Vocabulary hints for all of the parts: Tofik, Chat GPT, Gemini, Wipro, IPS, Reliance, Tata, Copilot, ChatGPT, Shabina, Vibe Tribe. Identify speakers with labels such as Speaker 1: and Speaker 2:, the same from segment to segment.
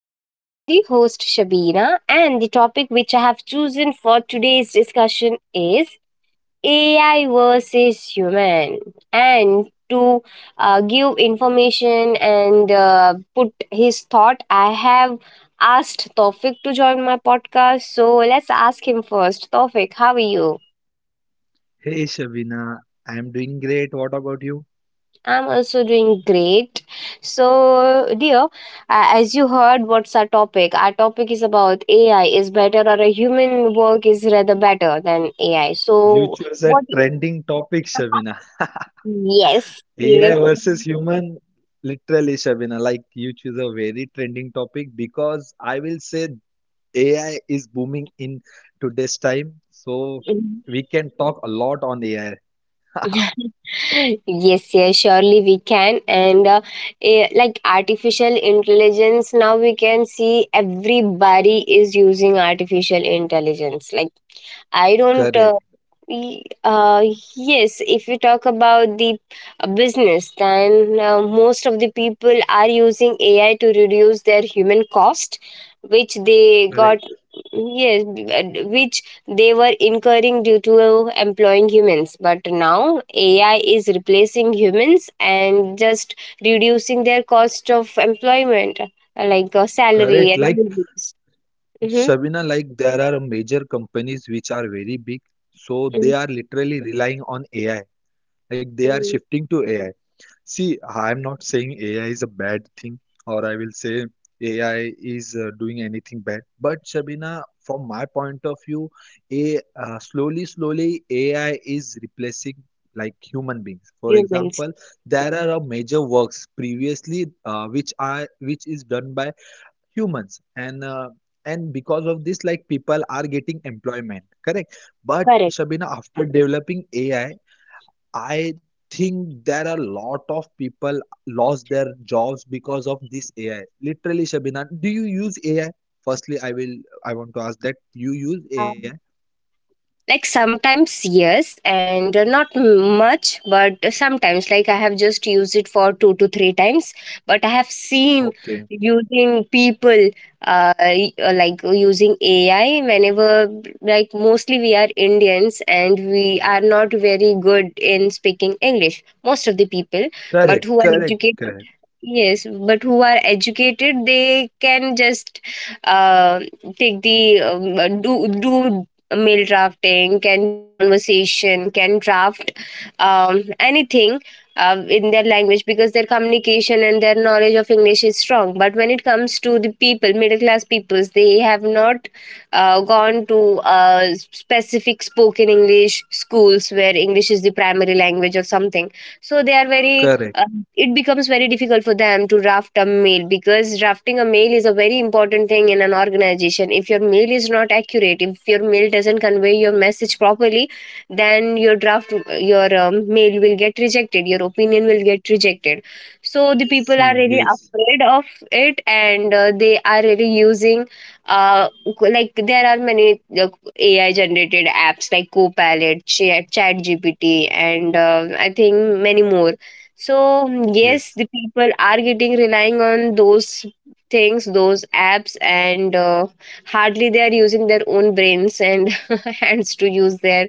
Speaker 1: I'm your lovely host, Shabina, and the topic which I have chosen for today's discussion is AI versus human. And to give information and put his thought, I have asked Tofik to join my podcast. So let's ask him first. Tofik, how are you?
Speaker 2: Hey Shavina, I'm doing great. What about you?
Speaker 1: I'm also doing great. So, dear, as you heard, what's our topic? Our topic is about AI is better or a human work is rather better than AI.
Speaker 2: You
Speaker 1: So,
Speaker 2: chose a
Speaker 1: what?
Speaker 2: trending topic, Shavina.
Speaker 1: Yes,
Speaker 2: AI versus
Speaker 1: seriously.
Speaker 2: human, literally, Shavina. Like you choose a very trending topic because I will say AI is booming in today's time. So we can talk a lot on AI.
Speaker 1: Yes, yes, surely we can. And like artificial intelligence, now we can see everybody is using artificial intelligence. Like I don't.
Speaker 2: Correct,
Speaker 1: Y- uh, yes, if you talk about the business, then most of the people are using AI to reduce their human cost, which they
Speaker 2: correct,
Speaker 1: got. Yes, which they were incurring due to employing humans. But now AI is replacing humans and just reducing their cost of employment, like salary
Speaker 2: correct.
Speaker 1: and
Speaker 2: Like
Speaker 1: wages. Mhm,
Speaker 2: Shavina, like there are major companies which are very big. So
Speaker 1: mhm,
Speaker 2: they are literally relying on AI. Like they are
Speaker 1: mhm.
Speaker 2: shifting to AI. See, I'm not saying AI is a bad thing, or I will say AI is doing anything bad. But Shabina, from my point of view, a slowly, slowly AI is replacing like human beings. For
Speaker 1: Humans.
Speaker 2: example, there are major works previously which is done by humans, and and because of this, like people are getting employment, correct? But
Speaker 1: Correct.
Speaker 2: Shabina, after developing AI, I think there are a lot of people lost their jobs because of this AI. Literally, Shabina, do you use AI? Firstly, I want to ask that you use AI.
Speaker 1: Like sometimes yes and not much, but sometimes, like, I have just used it for two to three times, but I have seen
Speaker 2: Okay,
Speaker 1: using people, like using AI whenever. Like mostly we are Indians and we are not very good in speaking English, most of the people. But
Speaker 2: correct,
Speaker 1: who are
Speaker 2: correct, correct,
Speaker 1: educated, yes, but who are educated they can just uh, take the um, do do mail drafting, can do conversation, can draft anything in their language, because their communication and their knowledge of English is strong. But when it comes to the people, middle class peoples, they have not gone to specific spoken English schools where English is the primary language or something. So they are very
Speaker 2: correct.
Speaker 1: it becomes very difficult for them to draft a mail, because drafting a mail is a very important thing in an organization. If your mail is not accurate, if your mail doesn't convey your message properly, then your mail will get rejected, your opinion will get rejected. So the people are
Speaker 2: See,
Speaker 1: really
Speaker 2: yes,
Speaker 1: afraid of it, and they are really using. Uh, like there are many AI generated apps like Copilot, Chat GPT, and I think many more. So, mm, yes,
Speaker 2: yes.
Speaker 1: the people are getting relying on those things, those apps, and hardly they are using their own brains and hands to use their.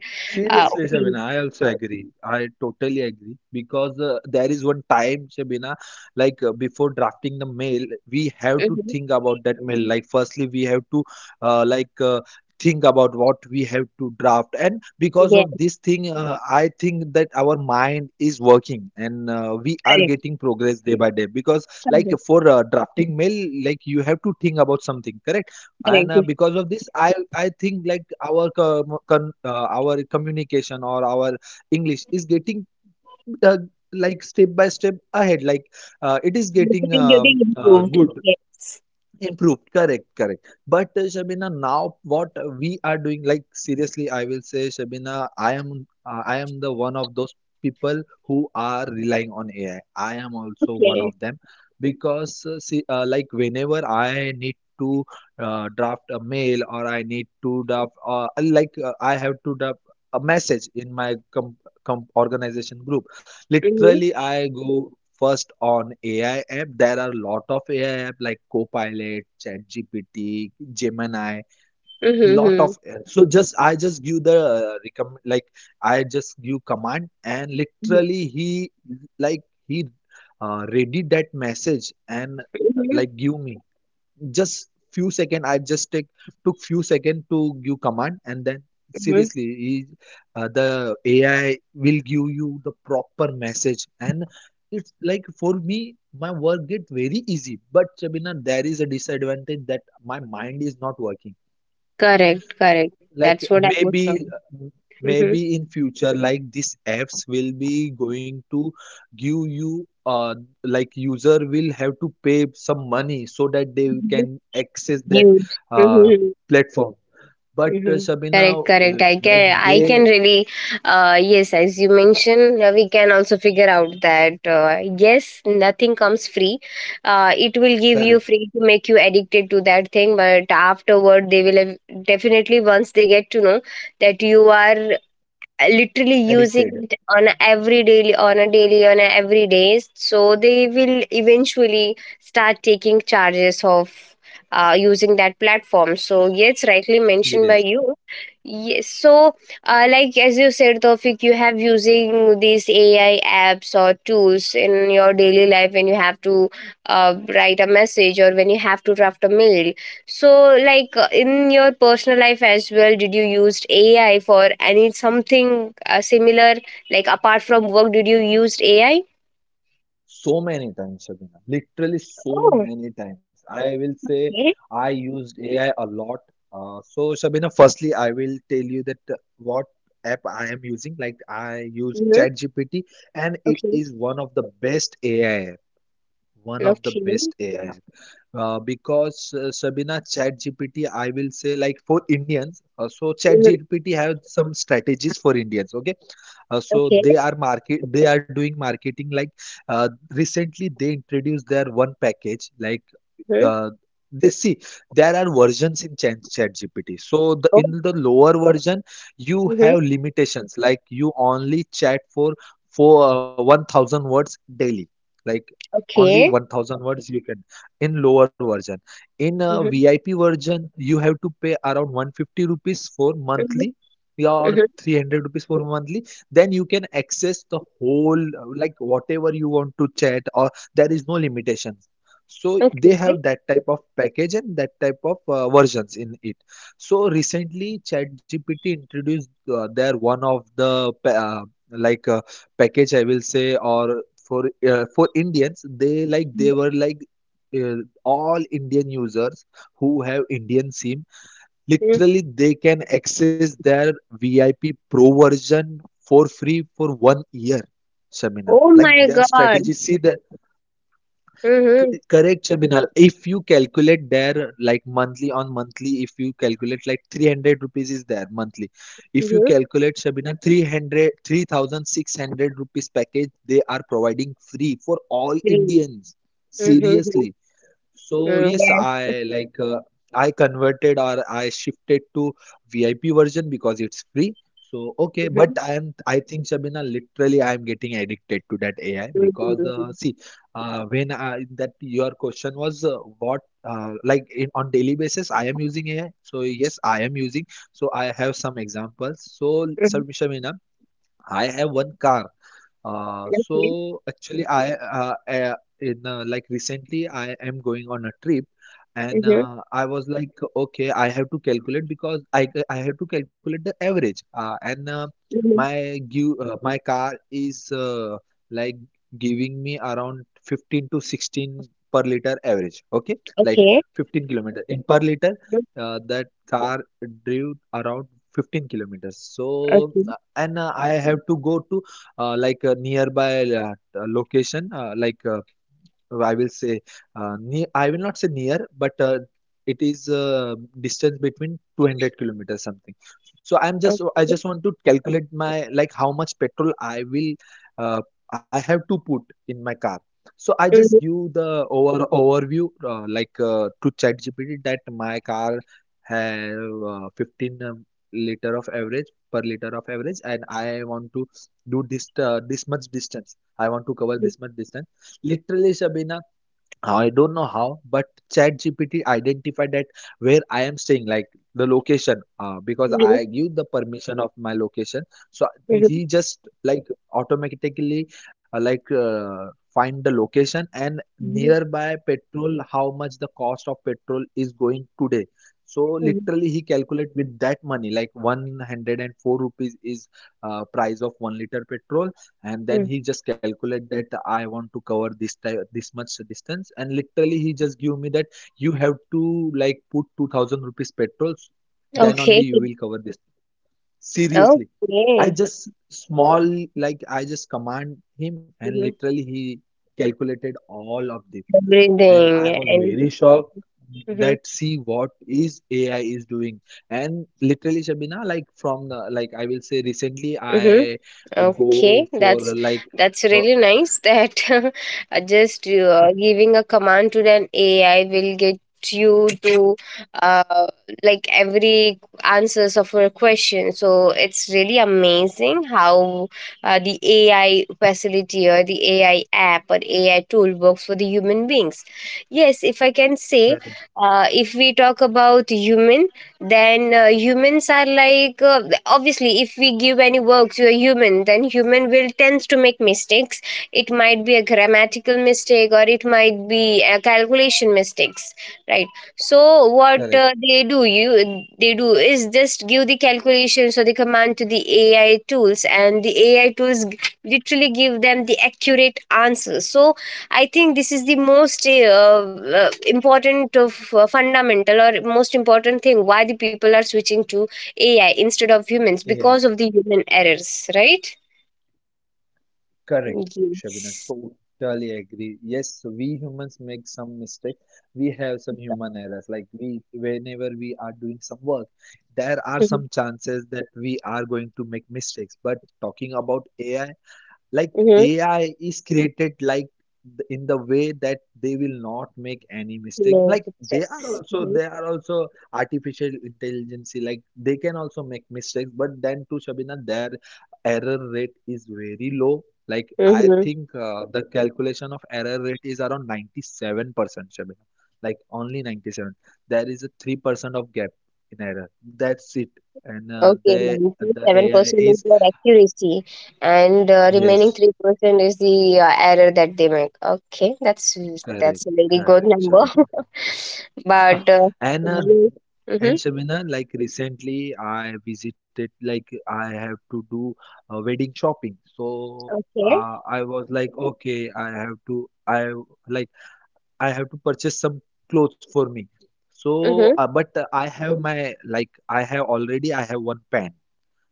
Speaker 2: Seriously, Shabina,
Speaker 1: Opinion.
Speaker 2: I also agree. I totally agree because there is one time, Shabina, like before drafting the mail, we have to
Speaker 1: Mhm.
Speaker 2: think about that mail. Like, firstly, we have to uh, like uh, think about what we have to draft, and because
Speaker 1: Yes,
Speaker 2: of this thing, I think that our mind is working and we are
Speaker 1: correct,
Speaker 2: getting progress day by day. Because, like,
Speaker 1: correct,
Speaker 2: for drafting mail, like you have to think about something, correct? And
Speaker 1: correct.
Speaker 2: because of this, I think like our communication or our English is getting uh, like step by step ahead. Like it is
Speaker 1: This
Speaker 2: getting
Speaker 1: is getting improved.
Speaker 2: good
Speaker 1: Yes.
Speaker 2: Improved, correct, correct. But Shabina, now what we are doing, like seriously, I will say, Shabina, I am the one of those people who are relying on AI. I am also one
Speaker 1: Okay.
Speaker 2: of them because, see, like whenever I need to draft a mail or I need to draft, I have to draft a message in my com organization group,
Speaker 1: Mm-hmm.
Speaker 2: literally, I go. First, on AI app, there are a lot of AI app like Copilot, ChatGPT, Gemini, lot
Speaker 1: Mm-hmm.
Speaker 2: of. So just I just give the recommend like I just give command and
Speaker 1: Mm-hmm.
Speaker 2: literally he like he ready that message and
Speaker 1: Mm-hmm.
Speaker 2: like give me just few second I just take took few second to give command and then
Speaker 1: Mm-hmm.
Speaker 2: seriously the AI will give you the proper message and it's like for me my work get very easy. But Shabina, there is a disadvantage that my mind is not working.
Speaker 1: Correct, correct.
Speaker 2: Like
Speaker 1: That's what I was
Speaker 2: maybe
Speaker 1: talking. Mm-hmm.
Speaker 2: maybe in future like these apps will be going to give you like user will have to pay some money so that they
Speaker 1: Mm-hmm.
Speaker 2: can access that
Speaker 1: Use. Mm-hmm.
Speaker 2: uh
Speaker 1: Mm-hmm.
Speaker 2: platform. But
Speaker 1: Mm-hmm. Correct,
Speaker 2: Shabina
Speaker 1: correct. I
Speaker 2: like
Speaker 1: can, I can
Speaker 2: they
Speaker 1: really, yes, as you mentioned, we can also figure out that yes, nothing comes free. It will give you
Speaker 2: correct
Speaker 1: free to make you addicted to that thing, but afterward, they will have, definitely once they get to know that you are literally using
Speaker 2: addicted
Speaker 1: it on a every daily on a every days, so they will eventually start taking charges of using that platform. So yes, rightly mentioned by
Speaker 2: serious.
Speaker 1: you. Yes, so, like as you said, Tofik, you have using these AI apps or tools in your daily life when you have to write a message or when you have to draft a mail. So, like, in your personal life as well, did you used AI for any something similar? Like apart from work, did you used AI?
Speaker 2: So many times, Shabina. Literally
Speaker 1: Oh,
Speaker 2: so many times. I will say
Speaker 1: okay.
Speaker 2: I used AI a lot. So, Shabina, firstly, I will tell you that what app I am using. Like I use
Speaker 1: Mm-hmm.
Speaker 2: ChatGPT, and it
Speaker 1: Okay.
Speaker 2: is one of the best AI app. One of the
Speaker 1: Okay.
Speaker 2: best AI app. Because Shabina, ChatGPT, I will say like for Indians. So
Speaker 1: Mm-hmm.
Speaker 2: ChatGPT have some strategies for Indians. Okay, so
Speaker 1: Okay.
Speaker 2: they are doing marketing like recently they introduced their one package like
Speaker 1: Mm-hmm.
Speaker 2: the they see there are versions in ChatGPT. So the
Speaker 1: Oh.
Speaker 2: in the lower version you
Speaker 1: Mm-hmm.
Speaker 2: have limitations like you only chat for 1,000 words daily. Like only
Speaker 1: Okay.
Speaker 2: 1,000 words you can in lower version. In a
Speaker 1: Mm-hmm.
Speaker 2: VIP version you have to pay around 150 rupees for
Speaker 1: Mm-hmm.
Speaker 2: monthly, yeah, or
Speaker 1: Mm-hmm.
Speaker 2: 300 rupees for monthly. Then you can access the whole like whatever you want to chat, or there is no limitation. So they
Speaker 1: Okay.
Speaker 2: have that type of package and that type of versions in it. So recently, ChatGPT introduced their one of the pa- like package, I will say, or for Indians, they like they were like uh, all Indian users who have Indian SIM.
Speaker 1: Mm-hmm.
Speaker 2: Literally, they can access their VIP Pro version for free for 1 year. Shamina,
Speaker 1: Oh
Speaker 2: like
Speaker 1: my
Speaker 2: their
Speaker 1: God.
Speaker 2: strategy. See that.
Speaker 1: Mm-hmm.
Speaker 2: Correct, Shabinal. If you calculate there like monthly on monthly, if you calculate like 300 rupees is there monthly. If you
Speaker 1: Mm-hmm.
Speaker 2: calculate, Shabinal, 300 3600 rupees package they are providing free for all
Speaker 1: Green.
Speaker 2: Indians.
Speaker 1: Mm-hmm.
Speaker 2: Seriously. So
Speaker 1: Mm-hmm.
Speaker 2: yes, I converted or I shifted to VIP version because it's free. So okay,
Speaker 1: Yes.
Speaker 2: but I think Shabina literally I am getting addicted to that AI because
Speaker 1: Mm-hmm.
Speaker 2: see that your question was what like on daily basis I am using AI. So yes, I am using. So I have some examples. So
Speaker 1: Mm-hmm. Mm-hmm.
Speaker 2: Shabina, I have one car.
Speaker 1: Okay.
Speaker 2: So actually, I in Like recently I am going on a trip, and
Speaker 1: Mm-hmm.
Speaker 2: I was like, okay, I have to calculate because I have to calculate the average. And
Speaker 1: Mm-hmm.
Speaker 2: my give My car is like giving me around 15 to 16 per liter average. Okay, like
Speaker 1: Okay.
Speaker 2: 15 kilometer in per liter.
Speaker 1: Mhm.
Speaker 2: That car drove around 15 kilometers. So
Speaker 1: Okay.
Speaker 2: and I have to go to like a nearby location like I will say I will not say near, but it is distance between 200 kilometers something. So I
Speaker 1: Okay.
Speaker 2: just want to calculate my like how much petrol uh, I have to put in my car. So I just
Speaker 1: Mhm,
Speaker 2: give the overview to ChatGPT that my car have 15 liter of average per liter of average, and I want to do this much distance. I want to cover
Speaker 1: mhm,
Speaker 2: this much distance. Literally, Sabina, I don't know how, but ChatGPT identified that where I am staying, like the location, because
Speaker 1: mhm,
Speaker 2: I give the permission of my location. So
Speaker 1: mhm,
Speaker 2: he just like automatically find the location and
Speaker 1: mhm,
Speaker 2: nearby petrol, how much the cost of petrol is going today. So
Speaker 1: mhm,
Speaker 2: literally, he calculate with that money, like 104 rupees is price of 1 liter petrol, and then
Speaker 1: mhm.
Speaker 2: he just calculate that I want to cover this much distance, and literally he just give me that you have to like put 2000 rupees petrols, then
Speaker 1: Okay,
Speaker 2: only you will cover this. Seriously, i
Speaker 1: okay.
Speaker 2: just small I just command him, and
Speaker 1: Mhm.
Speaker 2: literally he calculated all of this, and I
Speaker 1: Everything
Speaker 2: was
Speaker 1: and
Speaker 2: very shocked
Speaker 1: mhm,
Speaker 2: that see what is AI is doing. And literally, Shabina, like I will say recently,
Speaker 1: mhm.
Speaker 2: I
Speaker 1: Okay,
Speaker 2: go
Speaker 1: that's
Speaker 2: for like
Speaker 1: that's
Speaker 2: uh,
Speaker 1: really nice that just giving a command to an AI will get you to uh, like every answers of your question. So it's really amazing how the AI facility or the AI app or AI tool works for the human beings. Yes, if I can say,
Speaker 2: correct,
Speaker 1: if we talk about human, then humans are like obviously, if we give any work to a human, then human will tends to make mistakes. It might be a grammatical mistake or it might be a calculation mistakes, right? So what
Speaker 2: correct,
Speaker 1: they do is just give the calculations or the command to the AI tools, and the AI tools literally give them the accurate answers. So I think this is the most important of fundamental or most important thing why the people are switching to AI instead of humans,
Speaker 2: yeah,
Speaker 1: because of the human errors, right?
Speaker 2: correct, Shabina,
Speaker 1: Yes.
Speaker 2: totally agree. Yes, we humans make some mistakes. We have some human errors. Like we, whenever we are doing some work, there are some chances that we are going to make mistakes. But talking about AI, like
Speaker 1: Mm-hmm.
Speaker 2: AI is created like in the way that they will not make any mistake.
Speaker 1: No,
Speaker 2: Like
Speaker 1: it takes. Mhm.
Speaker 2: they are also artificial intelligence. Like they can also make mistakes, but then to Shabina, their error rate is very low. Like I
Speaker 1: Mhm.
Speaker 2: think the calculation of error rate is around 97%, Shabina. Like only 97. There is a 3% of gap in error. That's it. And uh,
Speaker 1: Okay,
Speaker 2: the the AI
Speaker 1: 97% is
Speaker 2: is
Speaker 1: their accuracy, and remaining
Speaker 2: yes
Speaker 1: 3% is the error that they make. Okay, that's
Speaker 2: Correct,
Speaker 1: that's a very good
Speaker 2: correct, Shavin.
Speaker 1: number. but
Speaker 2: And uh,
Speaker 1: you, hmm
Speaker 2: and Shavina, like recently I visited, like I have to do wedding shopping. So
Speaker 1: okay.
Speaker 2: I was like, okay, like I have to purchase some clothes for me. So,
Speaker 1: Mhm,
Speaker 2: but I have my like I have already I have one pant.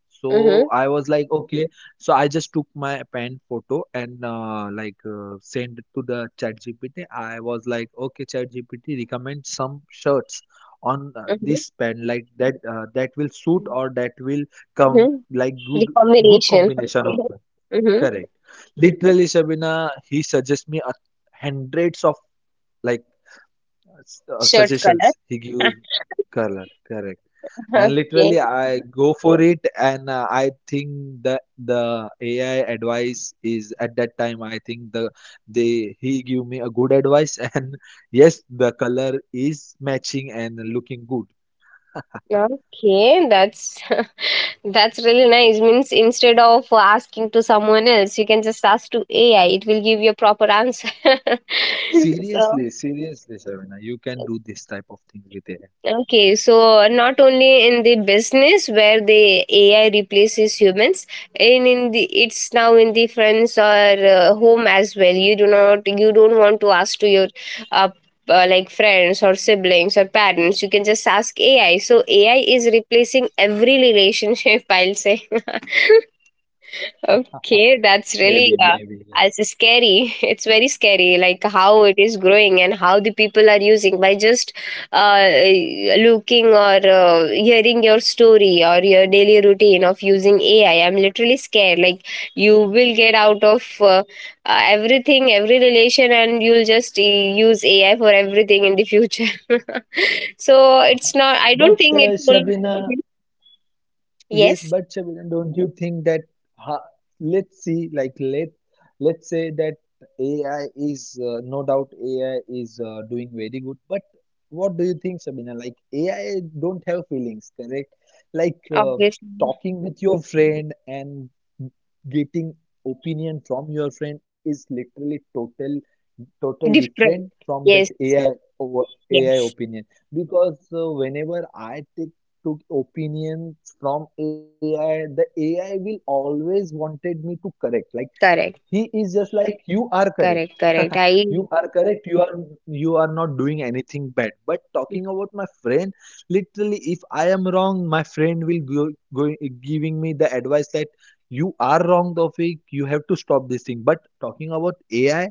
Speaker 2: So
Speaker 1: mhm,
Speaker 2: I was like, okay. So I just took my pen photo and sent it to the chat GPT. I was like, okay, chat GPT, recommend some shirts on
Speaker 1: mhm,
Speaker 2: this pen like that that will suit or that will come
Speaker 1: mhm.
Speaker 2: like
Speaker 1: The
Speaker 2: good
Speaker 1: combination,
Speaker 2: combination
Speaker 1: okay.
Speaker 2: of them.
Speaker 1: Mhm.
Speaker 2: Correct. Literally, Shabina, he suggests me a hundreds of like
Speaker 1: Shirt's
Speaker 2: suggestions.
Speaker 1: color.
Speaker 2: He gives color. Correct. And
Speaker 1: Okay.
Speaker 2: literally, I go for it, and I think that the AI advice is at that time. I think the They he give me a good advice, and yes, the color is matching and looking good.
Speaker 1: Okay, that's that's really nice. Means instead of asking to someone else, you can just ask to AI. It will give you a proper answer. so
Speaker 2: Seriously, seriously, Shavina, you can do this type of thing with AI.
Speaker 1: Okay, so not only in the business where the AI replaces humans, and in the it's now in the friends or home as well. You do not you don't want to ask to your uh, like friends or siblings or parents. You can just ask AI. So AI is replacing every relationship. I'll say. Okay, that's
Speaker 2: Maybe,
Speaker 1: really
Speaker 2: maybe,
Speaker 1: as
Speaker 2: yes.
Speaker 1: scary. It's very scary, like how it is growing and how the people are using by just uh, looking or hearing your story or your daily routine of using AI. I'm literally scared. Like you will get out of everything, every relation, and you'll just use AI for everything in the future. so
Speaker 2: Uh-huh.
Speaker 1: it's not. I don't
Speaker 2: But
Speaker 1: think it will.
Speaker 2: Shabina, yes,
Speaker 1: Yes,
Speaker 2: but Shabiran, don't you think that ha, let's see, like let's say that AI is no doubt AI is doing very good, but what do you think, Shabina? Like AI don't have feelings, correct? Like
Speaker 1: obviously
Speaker 2: talking with your friend and getting opinion from your friend is literally total
Speaker 1: different.
Speaker 2: different from that
Speaker 1: Yes.
Speaker 2: AI over AI
Speaker 1: Yes.
Speaker 2: opinion. Because whenever I take took opinions from AI, the AI will always wanted me to correct. Like
Speaker 1: Correct,
Speaker 2: he is just like you are correct,
Speaker 1: correct, correct. I
Speaker 2: you are correct, you are not doing anything bad. But talking about my friend, literally if I am wrong, my friend will go giving me the advice that you are wrong, Tofik, you have to stop this thing. But talking about AI,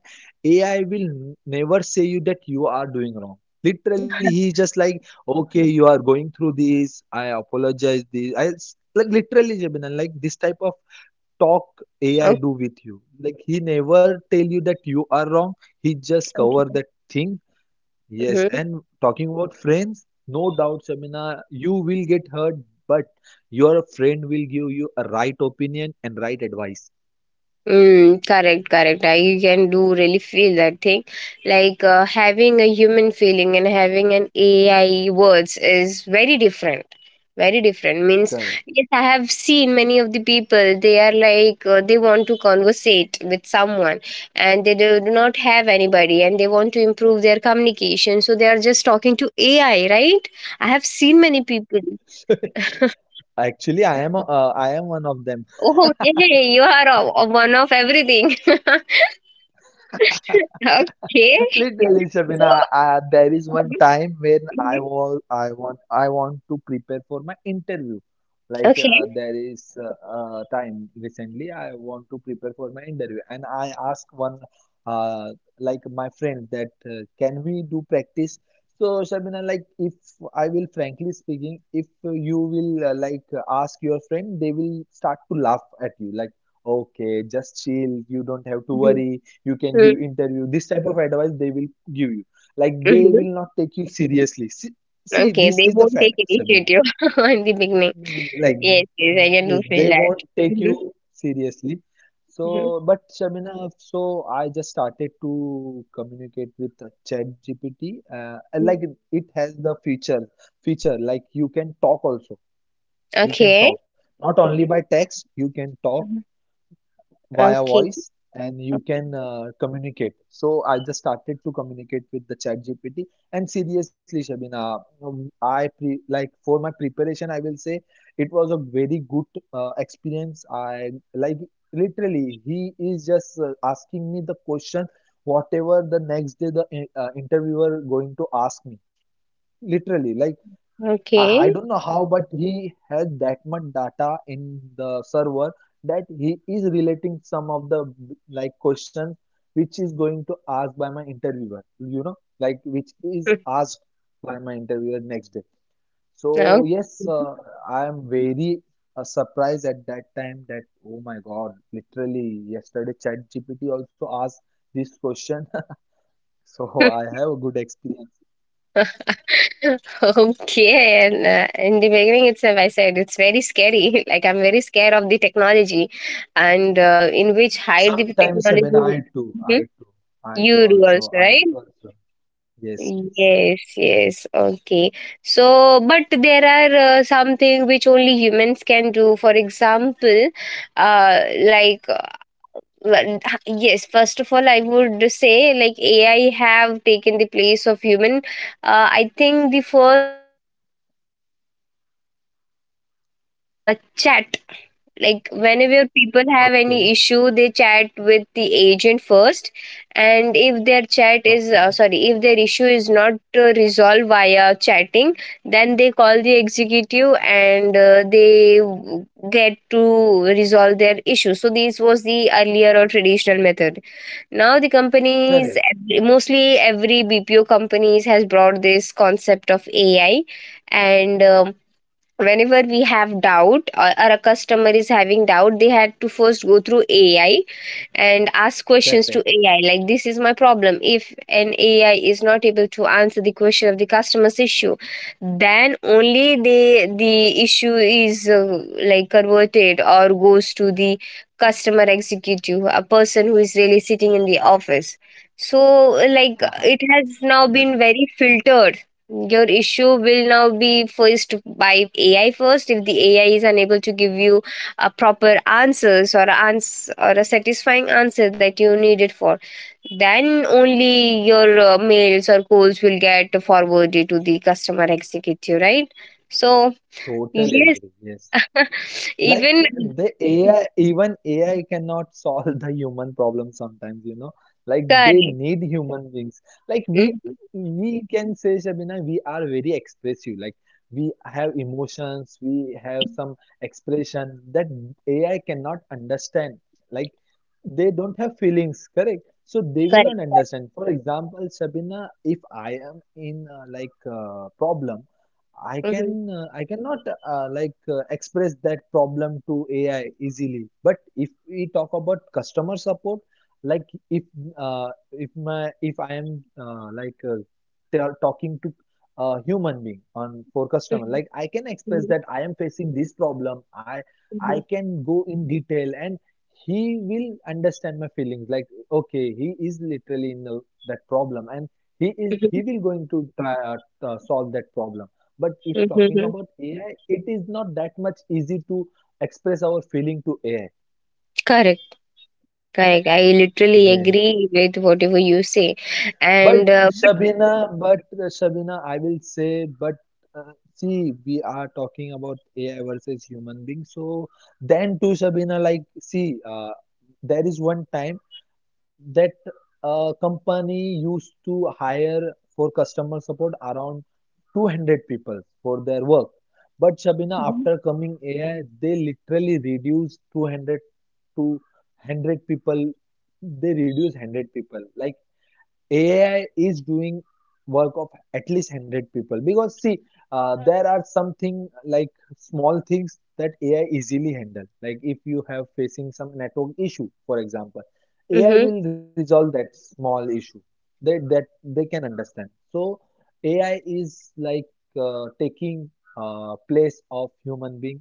Speaker 2: AI will never say you that you are doing wrong. Literally he is just like, okay, you are going through this I apologize this I Like literally, Jabin, like this type of talk AI do
Speaker 1: Okay,
Speaker 2: with you? Like he never tell you that you are wrong. He just cover
Speaker 1: okay.
Speaker 2: that thing. Yes,
Speaker 1: Hmm,
Speaker 2: and talking about friends, no doubt, Shamina, you will get hurt, but your friend will give you a right opinion and right advice.
Speaker 1: mm, correct, correct. I can do really feel that thing. Like having a human feeling and having an AI words is very different. Very different means.
Speaker 2: Correct.
Speaker 1: Yes, I have seen many of the people. They are like they want to conversate with someone, and they do not have anybody, and they want to improve their communication. So they are just talking to AI, right? I have seen many people.
Speaker 2: Actually, I am one of them.
Speaker 1: Oh, yay! You are a one of everything. Okay.
Speaker 2: Literally,
Speaker 1: So,
Speaker 2: Shabina, there is one
Speaker 1: mhm,
Speaker 2: time when
Speaker 1: mhm.
Speaker 2: I want to prepare for my interview. Like
Speaker 1: Okay.
Speaker 2: there is time recently, I want to prepare for my interview, and I ask one, uh, like my friend, that can we do practice? So Shabina, like if I will frankly speaking, if you will like ask your friend, they will start to laugh at you, like, okay, just chill, you don't have to
Speaker 1: Mhm,
Speaker 2: worry, you can give
Speaker 1: mhm,
Speaker 2: interview. This type of advice they will give you. Like they
Speaker 1: mhm.
Speaker 2: will not take you seriously. See, see,
Speaker 1: Okay,
Speaker 2: this
Speaker 1: they
Speaker 2: is the
Speaker 1: won't
Speaker 2: fact,
Speaker 1: take
Speaker 2: Sabina.
Speaker 1: initiative in the beginning.
Speaker 2: Like
Speaker 1: Yes, yes, I can do
Speaker 2: yes,
Speaker 1: feel
Speaker 2: they
Speaker 1: that.
Speaker 2: won't take
Speaker 1: Mhm,
Speaker 2: you seriously. So
Speaker 1: mhm,
Speaker 2: but Shabina, so I just started to communicate with chat GPT, and like it
Speaker 1: mhm.
Speaker 2: it has the feature like you can talk also. You can
Speaker 1: Okay.
Speaker 2: talk not only by text, you can talk
Speaker 1: Mhm.
Speaker 2: via
Speaker 1: Okay.
Speaker 2: voice and you can communicate. So I just started to communicate with the chat GPT, and seriously, Shabina, I pre like for my preparation, I will say it was a very good experience. I like literally he is just asking me the question whatever the next day the interviewer going to ask me. Literally, like I
Speaker 1: Okay.
Speaker 2: don't know how, but he has that much data in the server that he is relating some of the like questions which is going to ask by my interviewer, you know, like which is
Speaker 1: Mm,
Speaker 2: asked by my interviewer next day.
Speaker 1: okay.
Speaker 2: So yes, I am very surprised at that time that oh my God, literally yesterday ChatGPT also asked this question. So I have a good experience.
Speaker 1: Okay, and in the beginning itself, I said it's very scary. Like I'm very scared of the technology, and in which hide the
Speaker 2: Sometimes, I mean,
Speaker 1: technology. Mhm.
Speaker 2: I do
Speaker 1: You do
Speaker 2: also,
Speaker 1: also,
Speaker 2: I do
Speaker 1: right?
Speaker 2: also. Yes, yes.
Speaker 1: Yes, yes. Okay. So, but there are something which only humans can do. For example, like, well, yes, first of all, I would say, like, AI have taken the place of human. I think the first and the foremost thing which I came to know is like, chat, like whenever people
Speaker 2: Okay,
Speaker 1: have any issue, they chat with the agent first, and if their chat
Speaker 2: okay.
Speaker 1: is, sorry, if their issue is not resolved via chatting, then they call the executive and they get to resolve their issue. So this was the earlier or traditional method. Now the
Speaker 2: Correct,
Speaker 1: companies, mostly every BPO companies, has brought this concept of AI, and whenever we have doubt, or a customer is having doubt, they had to first go through AI and ask questions
Speaker 2: correct.
Speaker 1: to AI, like this is my problem. If an AI is not able to answer the question of the customer's issue, then only the issue is like converted or goes to the customer executive, a person who is really sitting in the office. So, like,
Speaker 2: Haha,
Speaker 1: it has now
Speaker 2: correct.
Speaker 1: been very filtered. Your issue will now be first by AI first. If the AI is unable to give you a proper answers or a or a satisfying answer that you needed for, then only your mails or calls will get forwarded to the customer executive, right? So
Speaker 2: Totally
Speaker 1: yes.
Speaker 2: agree. Yes. Like
Speaker 1: Even
Speaker 2: the AI, even AI cannot solve the human problem sometimes, you know. Like they
Speaker 1: correct.
Speaker 2: need human beings. Like we
Speaker 1: Mhm.
Speaker 2: we can say, Shabina, we are very expressive. Like we have emotions, we have some expression that AI cannot understand. Like they don't have feelings, correct? So they will
Speaker 1: Correct,
Speaker 2: not
Speaker 1: correct.
Speaker 2: understand. For example, Shabina, if I am in problem,
Speaker 1: Mhm.
Speaker 2: I cannot express that problem to AI easily. But if we talk about customer support, like if if I am they are talking to a human being on for
Speaker 1: Mhm.
Speaker 2: customer, like I can express
Speaker 1: Mhm.
Speaker 2: that I am facing this problem. I
Speaker 1: Mhm.
Speaker 2: can go in detail and he will understand my feelings. Like okay, he is literally in the, that problem, and he will going to try solve that problem. But if
Speaker 1: Mhm.
Speaker 2: talking
Speaker 1: Mhm.
Speaker 2: about AI, it is not that much easy to express our feeling to AI.
Speaker 1: Correct, correct, I literally
Speaker 2: Yeah.
Speaker 1: agree with whatever you say, and but
Speaker 2: But Shabina, I will say, but see, we are talking about AI versus human being. So then too, Shabina, like, see, there is one time that company used to hire for customer support around 200 people for their work. But Shabina,
Speaker 1: mhm.
Speaker 2: after coming AI, they literally reduced 200 to 100 people. They reduce 100 people. Like AI is doing work of at least 100 people. Because see, there are something like small things that AI easily handle, like if you have facing some network issue, for example, AI
Speaker 1: Mhm.
Speaker 2: will resolve that small issue that they can understand. So AI is like taking place of human being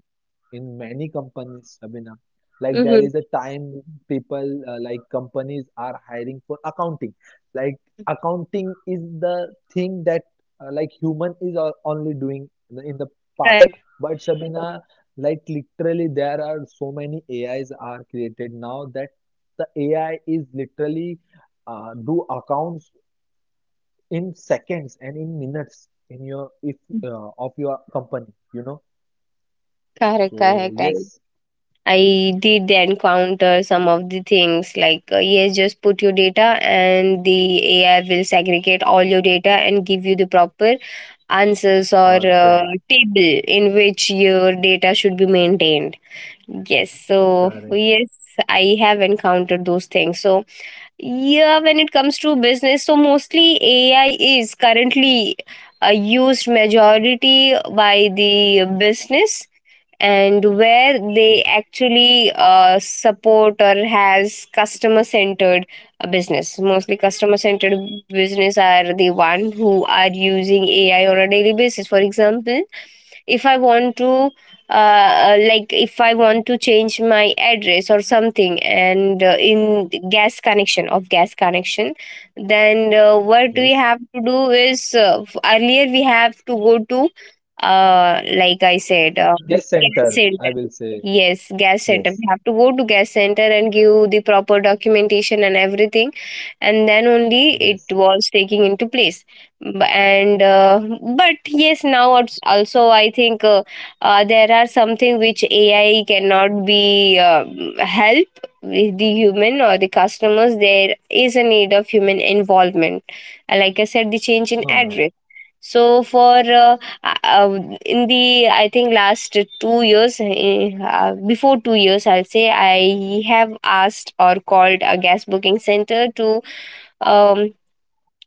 Speaker 2: in many companies, Sabina. Like there is
Speaker 1: Mhm.
Speaker 2: a time people like companies are hiring for accounting. Like accounting is the thing that like human is only doing in the past.
Speaker 1: Correct,
Speaker 2: But Shabina, like literally there are so many AIs are created now that the AI is literally do accounts in seconds and in minutes in your if of your company, you know.
Speaker 1: correct,
Speaker 2: So
Speaker 1: correct.
Speaker 2: yes.
Speaker 1: I did encounter some of the things like, yes, just put your data and the AI will segregate all your data and give you the proper answers or
Speaker 2: Perfect.
Speaker 1: table in which your data should be maintained. Yes, so
Speaker 2: Correct.
Speaker 1: yes, I have encountered those things. So, yeah, when it comes to business, so mostly AI is currently used majority by the business, and where they actually support or has customer centered business, mostly customer centered business are the one who are using ai on a daily basis. For example, if I want to like if I want to change my address or something, and in gas connection of gas connection, then what
Speaker 2: Yes,
Speaker 1: we have to do is earlier we have to go to like I said,
Speaker 2: yes, center
Speaker 1: gas
Speaker 2: I will
Speaker 1: center.
Speaker 2: say.
Speaker 1: Yes, gas
Speaker 2: Yes,
Speaker 1: center. We have to go to gas center and give the proper documentation and everything, and then only it
Speaker 2: yes.
Speaker 1: was taking into place. B- And But yes, now also I think there are something which AI cannot be help with the human or the customers. There is a need of human involvement. And like I said, the change in
Speaker 2: No, no.
Speaker 1: address. So for in the I think last 2 years, before 2 years, I'll say I have asked or called a gas booking center to um,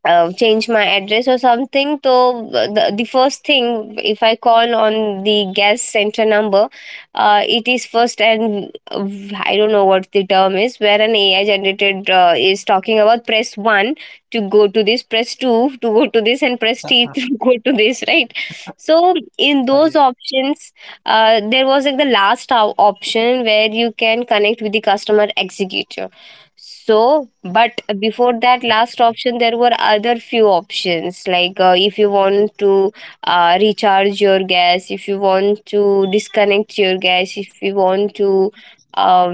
Speaker 1: change my address or something. So the first thing, if I call on the gas center number, it is first, and I don't know what the term is, where an ai generated is talking about press 1 to go to this, press 2 to go to this, and press 3 to go to this, right? So
Speaker 2: Ah,
Speaker 1: in
Speaker 2: yeah.
Speaker 1: those options, there was like the last option where you can connect with the customer executive. So, but before that last option, there were other few options like if you want to recharge your gas, if you want to disconnect your gas, if you want to um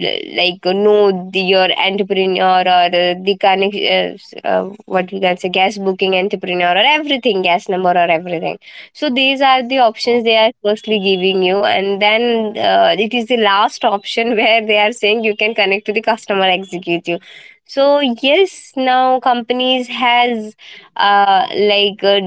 Speaker 1: like know the, your entrepreneur, or the connect what you can say gas booking entrepreneur or everything, gas number or everything. So these are the options
Speaker 2: Okay.
Speaker 1: they are firstly giving you, and then it is the last option where they are saying you can connect to the customer executive. So yes, now companies has uh, like uh,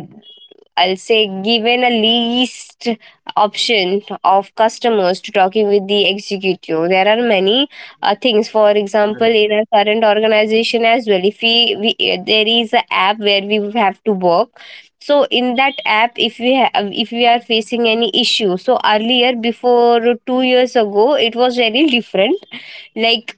Speaker 1: I'll say given a least option of customers to talking with the executive. There are many things. For example, in our current organization as well, if we there is a app where we have to work. So in that app, if we have, if we are facing any issue, so earlier before 2 years ago, it was very different. Like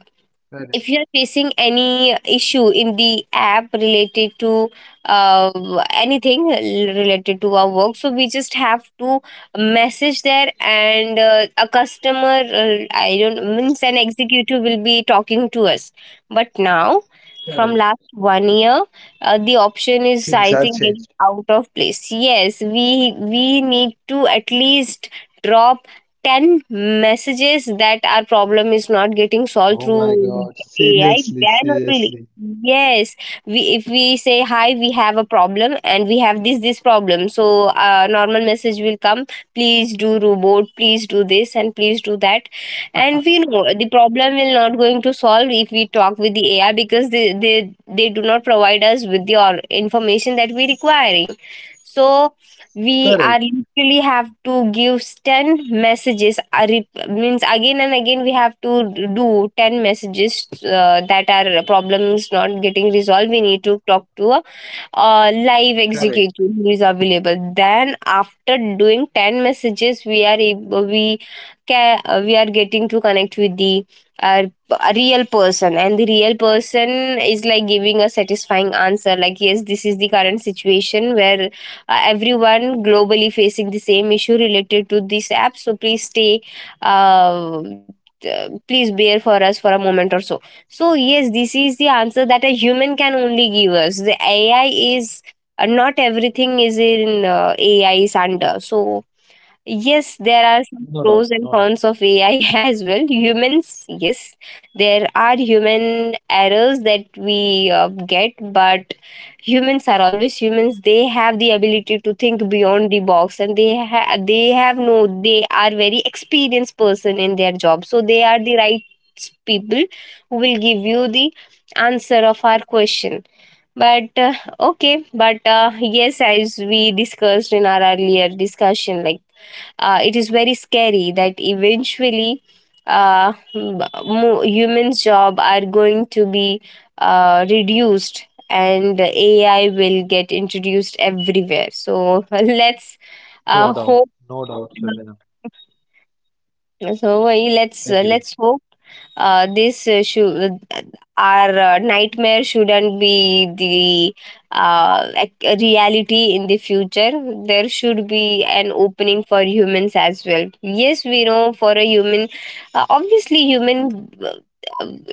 Speaker 1: if you are facing any issue in the app related to uh, anything related to our work, so we just have to message there, and a customer I don't means an executive will be talking to us. But now
Speaker 2: Correct.
Speaker 1: from last 1 year, the option is
Speaker 2: Things
Speaker 1: I
Speaker 2: are
Speaker 1: think getting
Speaker 2: changed.
Speaker 1: out of place. Yes, we need to at least drop 10 messages that our problem is not getting solved
Speaker 2: Oh
Speaker 1: through
Speaker 2: my God.
Speaker 1: AI,
Speaker 2: Seriously,
Speaker 1: then only.
Speaker 2: seriously.
Speaker 1: Yes, we, if we say hi, we have a problem and we have this problem. So normal message will come. Please do robot. Please do this and please do that. And we know the problem will not going to solve if we talk with the AI because they do not provide us with the all information that we requiring. So we
Speaker 2: Correct,
Speaker 1: are literally have to give 10 messages, means again and again we have to do 10 messages, that our problem is not getting resolved. We need to talk to live
Speaker 2: correct.
Speaker 1: executive who is available. Then after doing 10 messages, we can we are getting to connect with the a real person, and the real person is like giving a satisfying answer. Like yes, this is the current situation where everyone globally facing the same issue related to this app. So please stay. Uh, please bear for us for a moment or so. So, yes, this is the answer that a human can only give us. The AI is not everything is in AI is under. So, yes, there are
Speaker 2: No
Speaker 1: some
Speaker 2: doubt,
Speaker 1: pros
Speaker 2: no
Speaker 1: and
Speaker 2: doubt,
Speaker 1: cons of AI as well. Humans, yes, there are human errors that we get, but humans are always humans. They have the ability to think beyond the box, and they they have no. They are very experienced person in their job, so they are the right people who will give you the answer of our question. But okay, but yes, as we discussed in our earlier discussion, like it is very scary that eventually uh, m- humans job are going to be reduced, and ai will get introduced everywhere. So let's
Speaker 2: no doubt,
Speaker 1: hope.
Speaker 2: no doubt, Shabina.
Speaker 1: So
Speaker 2: Agree.
Speaker 1: let's hope this issue, our nightmare shouldn't be the like a reality in the future. There should be an opening for humans as well. Yes, we know for a human, obviously human,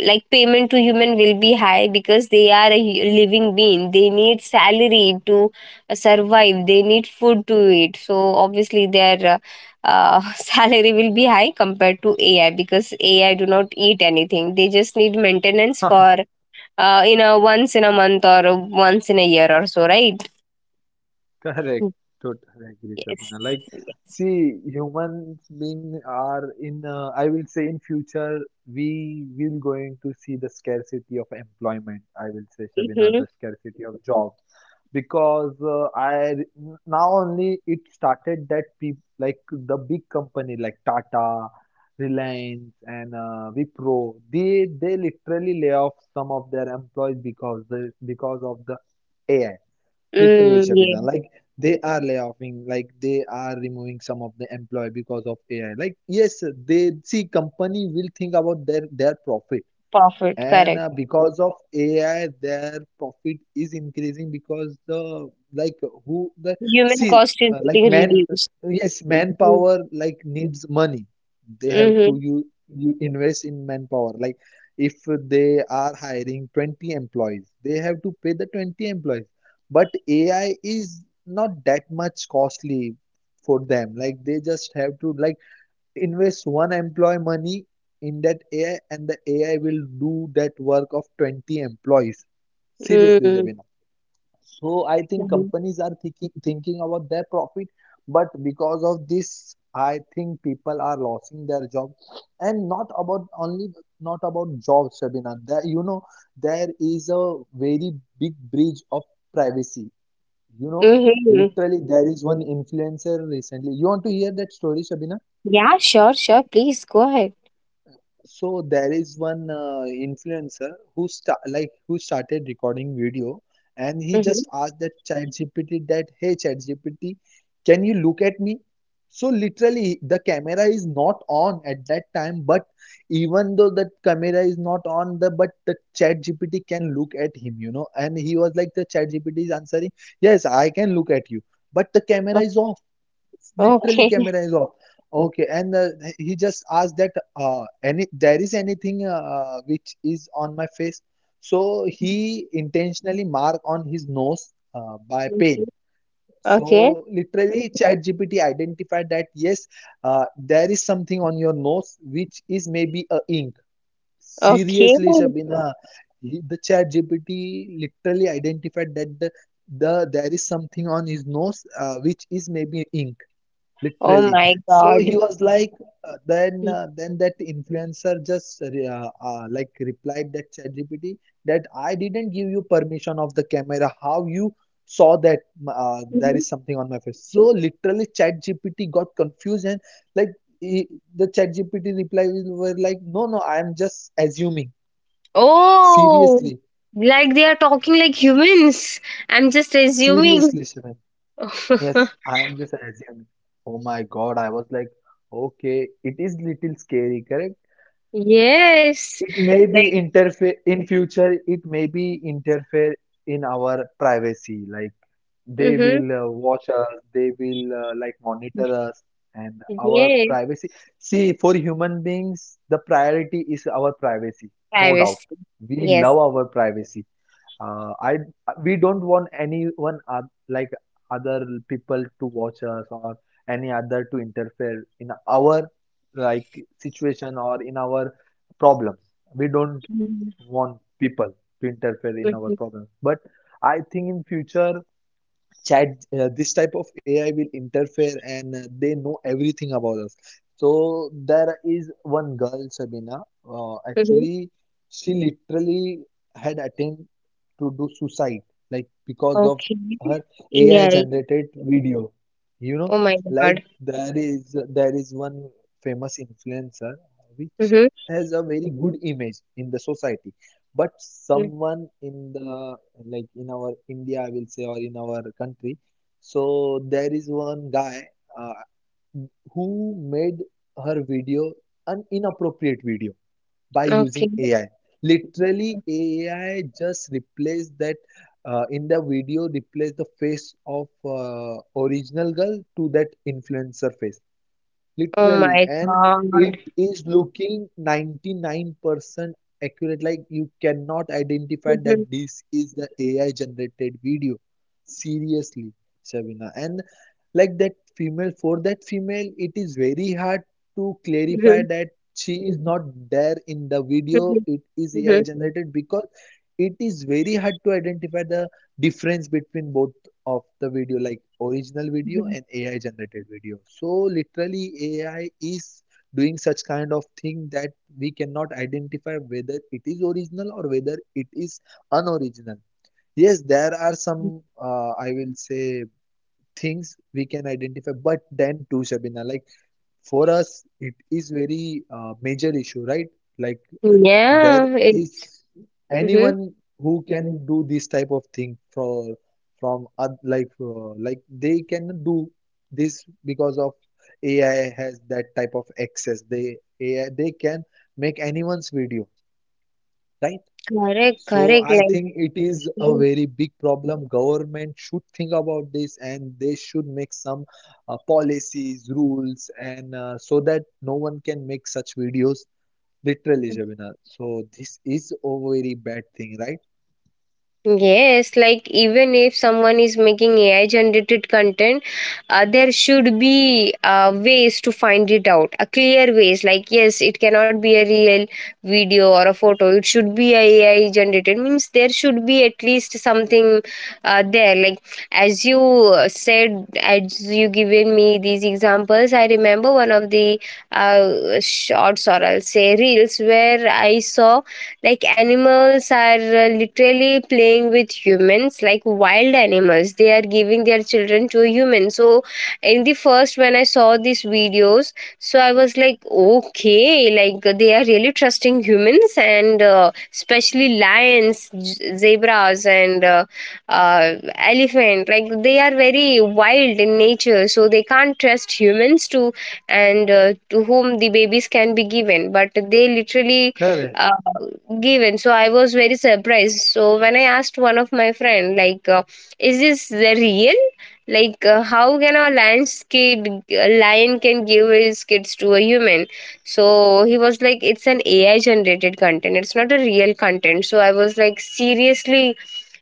Speaker 1: like payment to human will be high because they are a living being. They need salary to survive, they need food to eat. So obviously their salary will be high compared to AI, because AI do not eat anything. They just need maintenance for you know once in a month or once in a year or so, right?
Speaker 2: Correct. Totally agree,
Speaker 1: Yes.
Speaker 2: Shabina. Like, see, humans being are in, I will say in future, we will going to see the scarcity of employment. I will say, Shabina,
Speaker 1: Mm-hmm.
Speaker 2: the scarcity of job. Because I now only it started that people like the big company like Tata, Reliance, and Wipro, they literally lay off some of their employees because the because of the AI. Literally,
Speaker 1: Mm, yeah.
Speaker 2: Shabina, like they are layoffing, like they are removing some of the employee because of AI. Like yes, they see company will think about their profit,
Speaker 1: Profit.
Speaker 2: and
Speaker 1: Correct.
Speaker 2: because of AI, their profit is increasing because the like who the
Speaker 1: Human
Speaker 2: see,
Speaker 1: cost is
Speaker 2: like
Speaker 1: getting
Speaker 2: man
Speaker 1: reduced.
Speaker 2: yes,
Speaker 1: Mm-hmm.
Speaker 2: manpower like needs money. They have to you invest in manpower. Like if they are hiring 20 employees, they have to pay the 20 employees. But AI is not that much costly for them. Like they just have to like invest one employee money in that AI, and the AI will do that work of 20 employees. Seriously,
Speaker 1: Mm-hmm.
Speaker 2: Jabina. So I think companies are thinking about their profit, but because of this, I think people are losing their job. And not about only, not about jobs, Sabina. There, you know, there is a very big breach of privacy. You know,
Speaker 1: Mm-hmm.
Speaker 2: literally there is one influencer recently. You want to hear that story, Sabina?
Speaker 1: Yeah. Sure. Sure. Please go ahead.
Speaker 2: So there is one influencer who start like who started recording video, and he
Speaker 1: Mm-hmm.
Speaker 2: just asked that ChatGPT that, hey ChatGPT, can you look at me? So literally the camera is not on at that time, but even though that camera is not on the but the ChatGPT can look at him, you know. And he was like the ChatGPT is answering, yes, I can look at you, but the camera is off, literally
Speaker 1: Okay.
Speaker 2: camera is off. Okay, and he just asked that any there is anything which is on my face. So he intentionally mark on his nose by
Speaker 1: Okay.
Speaker 2: pen.
Speaker 1: Okay.
Speaker 2: So literally, ChatGPT identified that yes, there is something on your nose which is maybe a ink.
Speaker 1: Okay.
Speaker 2: Seriously, Shabina, the ChatGPT literally identified that there is something on his nose which is maybe ink,
Speaker 1: Oh
Speaker 2: literally.
Speaker 1: my
Speaker 2: So
Speaker 1: God.
Speaker 2: he was like, then that influencer just like replied that ChatGPT that I didn't give you permission of the camera, how you saw that there is something on my face. So literally ChatGPT got confused, and like he, the ChatGPT reply were like, no no, I am just assuming.
Speaker 1: Oh,
Speaker 2: Seriously,
Speaker 1: like they are talking like humans. I'm just assuming.
Speaker 2: seriously, Shivan, yes, I am just assuming. Oh my God, I was like, okay, it is little scary, correct?
Speaker 1: Yes.
Speaker 2: It may be
Speaker 1: Like,
Speaker 2: interfere in future, it may be interfere in our privacy. Like they
Speaker 1: mm-hmm.
Speaker 2: will watch us, they will like monitor us and our
Speaker 1: Yes,
Speaker 2: privacy. See, for human beings, the priority is our privacy, no doubt.
Speaker 1: privacy.
Speaker 2: We love
Speaker 1: Yes.
Speaker 2: our privacy. I We don't want anyone like other people to watch us or any other to interfere in our like situation or in our problems. We don't
Speaker 1: Mm-hmm.
Speaker 2: want people to interfere in our problems. But I think in future chat this type of AI will interfere, and they know everything about us. So there is one girl, Sabina,
Speaker 1: Mm-hmm.
Speaker 2: actually, she literally had attempt to do suicide, like because of
Speaker 1: Okay.
Speaker 2: her AI
Speaker 1: AI.
Speaker 2: generated video, you know.
Speaker 1: Oh my
Speaker 2: Like
Speaker 1: God.
Speaker 2: there is one famous influencer which
Speaker 1: Mm-hmm.
Speaker 2: has a very good image in the society. But
Speaker 1: Mm-hmm.
Speaker 2: someone in the like in our India, I will say, or in our country. So there is one guy uh, who made her video, an inappropriate video, by
Speaker 1: Okay.
Speaker 2: using AI. Literally, AI just replaced that in the video, replaced the face of original girl to that influencer face
Speaker 1: Oh
Speaker 2: literally,
Speaker 1: my
Speaker 2: and
Speaker 1: God.
Speaker 2: it is looking 99% accurate. Like you cannot identify
Speaker 1: Mm-hmm.
Speaker 2: that this is the AI generated video, seriously, Shavina. And like that female, for that female it is very hard to clarify
Speaker 1: Mm-hmm.
Speaker 2: that she is not there in the video,
Speaker 1: Mm-hmm.
Speaker 2: it is AI
Speaker 1: Mm-hmm.
Speaker 2: generated, because it is very hard to identify the difference between both of the video, like original video
Speaker 1: Mm-hmm.
Speaker 2: and AI generated video. So literally, AI is doing such kind of thing that we cannot identify whether it is original or whether it is unoriginal. Yes, there are some I will say things we can identify, but then too, Shabina, like for us it is very major issue, right? Like there
Speaker 1: Yeah. It,
Speaker 2: is
Speaker 1: mm-hmm.
Speaker 2: anyone who can do this type of thing for like they can do this because of AI has that type of access, they AI, they can make anyone's video, right?
Speaker 1: Correct.
Speaker 2: So
Speaker 1: Correct.
Speaker 2: I
Speaker 1: Like.
Speaker 2: think it is a
Speaker 1: Mm-hmm.
Speaker 2: very big problem. Government should think about this, and they should make some policies, rules, and so that no one can make such videos literally, Shabina. So this is a very bad thing, right?
Speaker 1: Yes, like even if someone is making AI generated content, there should be ways to find it out, a clear ways. Like yes, it cannot be a real video or a photo. It should be a AI generated. Means there should be at least something there. Like as you said, as you given me these examples, I remember one of the shorts, or I'll say reels, where I saw like animals are literally playing with humans, like wild animals, they are giving their children to a human. So in the first when I saw these videos, so I was like okay, like they are really trusting humans. And especially lions, zebras, and elephant, like they are very wild in nature, so they can't trust humans to, and to whom the babies can be given. But they literally
Speaker 2: Correct.
Speaker 1: uh, given. So I was very surprised, so when I asked one of my friend like is this the real, like how can a lion's kid, a lion can give his kids to a human? So he was like it's an ai generated content, it's not a real content. So I was like seriously?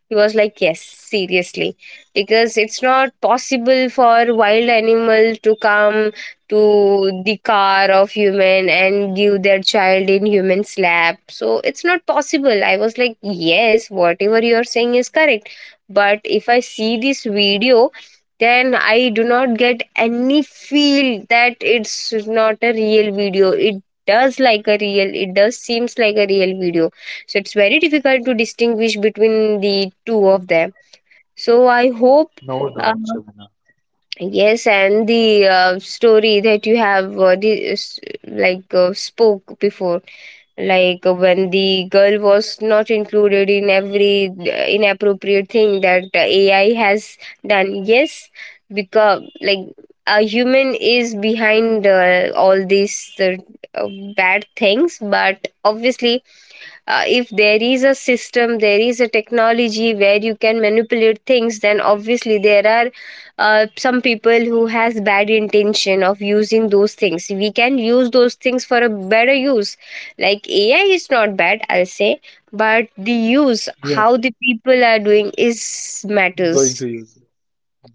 Speaker 1: He was like, yes, seriously. Because it's not possible for wild animal to come to the car of human and give their child in human's lap. So it's not possible. I was like, yes, whatever you're saying is correct. But if I see this video, then I do not get any feel that it's not a real video. It does like a real, it does seems like a real video. So it's very difficult to distinguish between the two of them. So I hope
Speaker 2: No
Speaker 1: uh,
Speaker 2: doubt, Shabina.
Speaker 1: yes, and the story that you have like spoke before, like when the girl was not included in every inappropriate thing that ai has done, yes. Because like a human is behind all these uh, bad things. But obviously if there is a system, there is a technology where you can manipulate things, then obviously there are some people who has bad intention of using those things. We can use those things for a better use. Like ai is not bad, I'll say, but the use how
Speaker 2: Yes,
Speaker 1: the people are doing is
Speaker 2: going
Speaker 1: matters.
Speaker 2: to use it.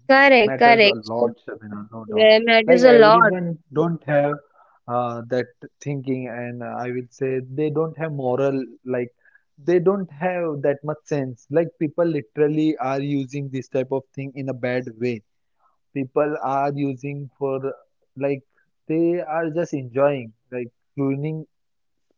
Speaker 1: Correct,
Speaker 2: Matters a
Speaker 1: correct.
Speaker 2: lot, Shabina, no doubt.
Speaker 1: Yeah,
Speaker 2: Like
Speaker 1: matters a lot.
Speaker 2: everyone don't have that thinking, and I will say they don't have moral. Like they don't have that much sense. Like people literally are using this type of thing in a bad way. People are using for like they are just enjoying, like ruining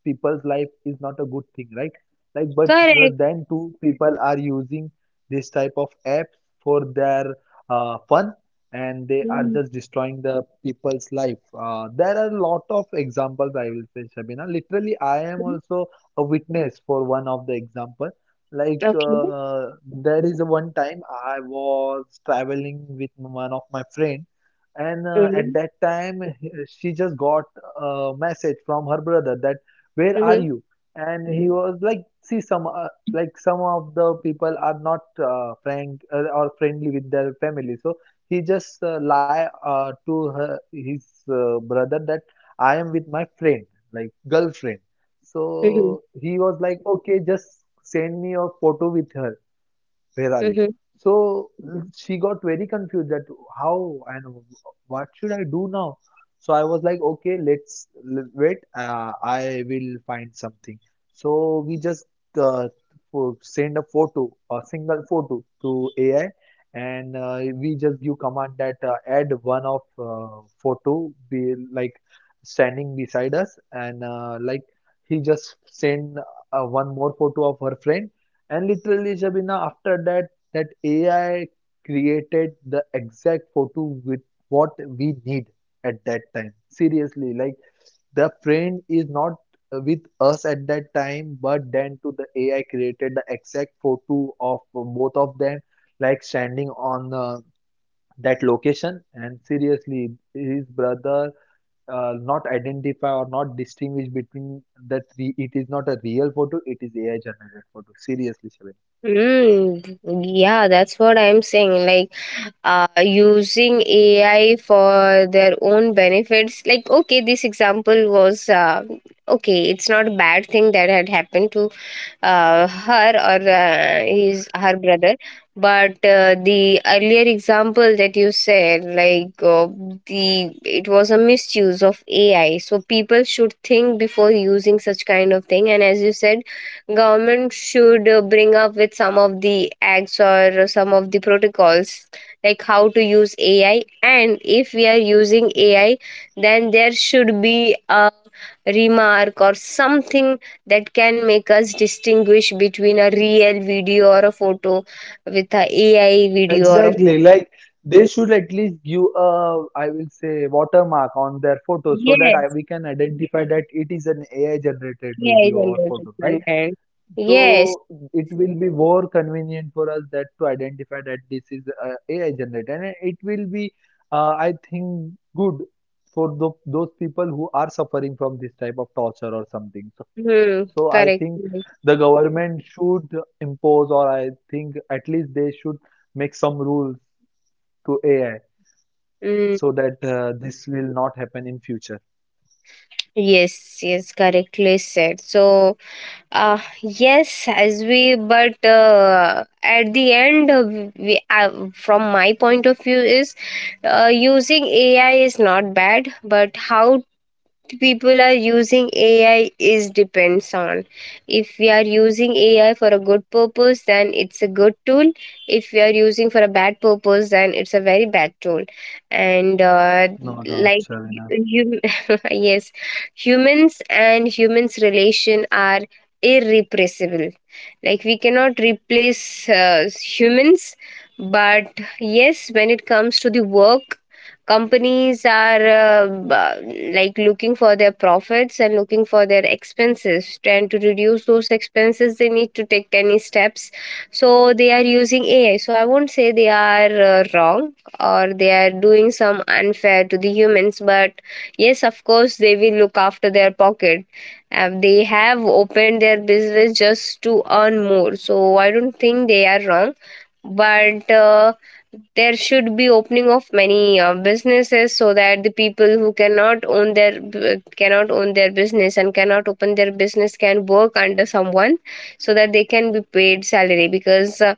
Speaker 2: people's life is not a good thing, right? Like but
Speaker 1: Correct.
Speaker 2: then too people are using this type of apps for their fun, and they are
Speaker 1: Mm.
Speaker 2: just destroying the people's life. There are a lot of examples, I will say, Shabina. Literally, I am also a witness for one of the example. like
Speaker 1: Okay.
Speaker 2: uh, there is one time I was traveling with one of my friend, and at
Speaker 1: Mm-hmm.
Speaker 2: that time she just got a message from her brother that where are
Speaker 1: Mm-hmm.
Speaker 2: you. And he was like, see, some like some of the people are not frank or friendly with their family. So he just lie to her, his brother that I am with my friend, like girlfriend. So
Speaker 1: Mm-hmm.
Speaker 2: he was like, okay, just send me a photo with her, where are you?
Speaker 1: Mm-hmm.
Speaker 2: So she got very confused that how and what should I do now? So I was like, okay, let's wait. I will find something. So we just uh, send a photo, a single photo to AI, and we just give command that add one of photo be like standing beside us, and like he just send one more photo of her friend. And literally, Shabina, after that, that AI created the exact photo with what we need at that time. Seriously, like the friend is not with us at that time, but then to the AI created the exact photo of both of them, like standing on that location. And seriously, his brother not identify or not distinguish between that. It is not a real photo; it is AI generated photo. Seriously, Shabina.
Speaker 1: Mm, yeah, that's what I'm saying. Like, using AI for their own benefits. Like, okay, this example was okay. It's not a bad thing that had happened to her, or his, her brother. But the earlier example that you said, like the it was a misuse of ai. So people should think before using such kind of thing. And as you said, government should bring up with some of the acts or some of the protocols, like how to use ai. And if we are using ai, then there should be a remark or something that can make us distinguish between a real video or a photo with a AI video or a photo.
Speaker 2: Exactly, like they should at least give a, I will say, watermark on their photo so that
Speaker 1: Yes,
Speaker 2: we can identify that it is an AI generated
Speaker 1: AI
Speaker 2: video or
Speaker 1: generated
Speaker 2: photo, right?
Speaker 1: content. Yes.
Speaker 2: So it will be more convenient for us that to identify that this is AI generated, and it will be, I think, good for those people who are suffering from this type of torture or something. So,
Speaker 1: Hmm.
Speaker 2: so I
Speaker 1: Correct.
Speaker 2: think the government should impose, or I think at least they should make some rules to AI
Speaker 1: Mm.
Speaker 2: so that this will not happen in future.
Speaker 1: Yes, yes, correctly said. So, yes, as we, but at the end, we, from my point of view, is using AI is not bad, but how people are using AI is depends on. If we are using AI for a good purpose, then it's a good tool. If we are using for a bad purpose, then it's a very bad tool. And uh,
Speaker 2: No doubt,
Speaker 1: like
Speaker 2: Shabina.
Speaker 1: you, yes, humans and humans relation are irrepressible. Like we cannot replace humans, but yes, when it comes to the work, companies are like looking for their profits and looking for their expenses, and to reduce those expenses they need to take any steps, so they are using AI. So I won't say they are wrong or they are doing some unfair to the humans, but yes, of course they will look after their pocket. They have opened their business just to earn more, so I don't think they are wrong. But uh, there should be opening of many businesses so that the people who cannot own their business and cannot open their business can work under someone, so that they can be paid salary. because uh,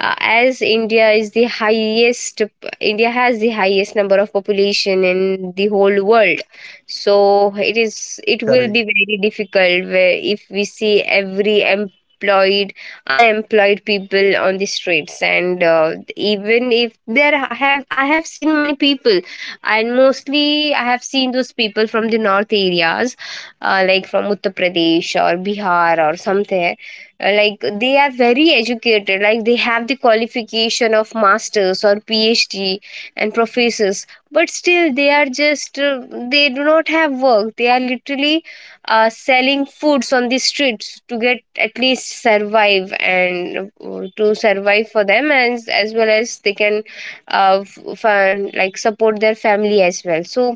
Speaker 1: uh, as India is the highest, India has the highest number of population in the whole world, so it will be
Speaker 2: Correct,
Speaker 1: very difficult where if we see every employed, unemployed people on the streets. And uh, even if there have, I have seen many people, and mostly I have seen those people from the north areas, like from Uttar Pradesh or Bihar or something. Like they are very educated, like they have the qualification of masters or PhD and professors, but still they are just they do not have work. They are literally selling foods on the streets to get at least survive, and to survive for them and as well as they can like support their family as well. So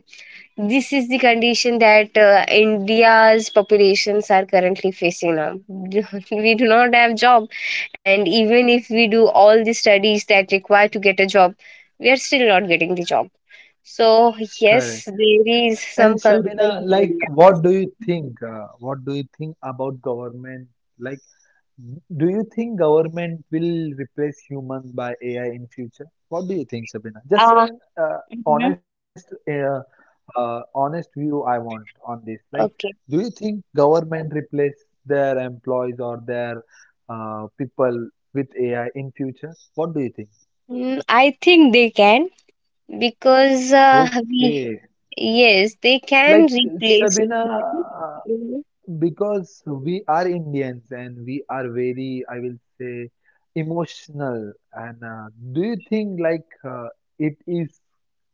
Speaker 1: this is the condition that India's populations are currently facing now. We do not have job, and even if we do all the studies that require to get a job, we are still not getting the job. So yes,
Speaker 2: correct.
Speaker 1: there is
Speaker 2: And
Speaker 1: some
Speaker 2: Shabina,
Speaker 1: concern in
Speaker 2: like,
Speaker 1: the
Speaker 2: what do you think? What do you think about government? Like, do you think government will replace humans by AI in future? What do you think, Shabina? Just
Speaker 1: area. uh,
Speaker 2: an honest honest view I want on this. Like,
Speaker 1: Okay.
Speaker 2: do you think government replace their employees or their people with AI in future? What do you think?
Speaker 1: Mm, I think they can, because we
Speaker 2: Okay,
Speaker 1: yes, they can
Speaker 2: like
Speaker 1: replace.
Speaker 2: Sabina, uh, because we are Indians and we are very, I will say, emotional. And do you think like it is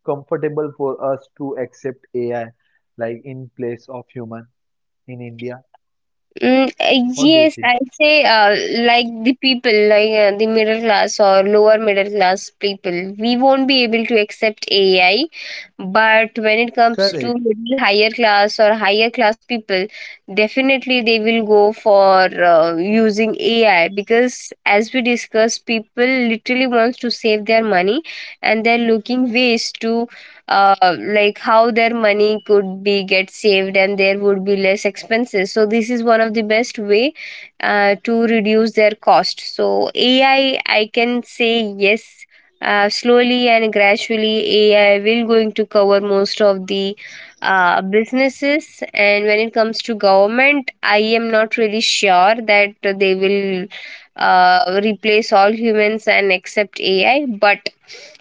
Speaker 2: comfortable for us to accept AI like in place of human in India? What do you
Speaker 1: Yes,
Speaker 2: think?
Speaker 1: I say, like the people, like the middle class or lower middle class people, we won't be able to accept AI. But when it comes to
Speaker 2: Correct.
Speaker 1: little higher class or higher class people, definitely they will go for using AI because, as we discussed, people literally wants to save their money, and they're looking ways to like how their money could be get saved and there would be less expenses. So this is one of the best way to reduce their cost. So AI, I can say yes, slowly and gradually, AI will going to cover most of the businesses. And when it comes to government, I am not really sure that they will replace all humans and accept AI, but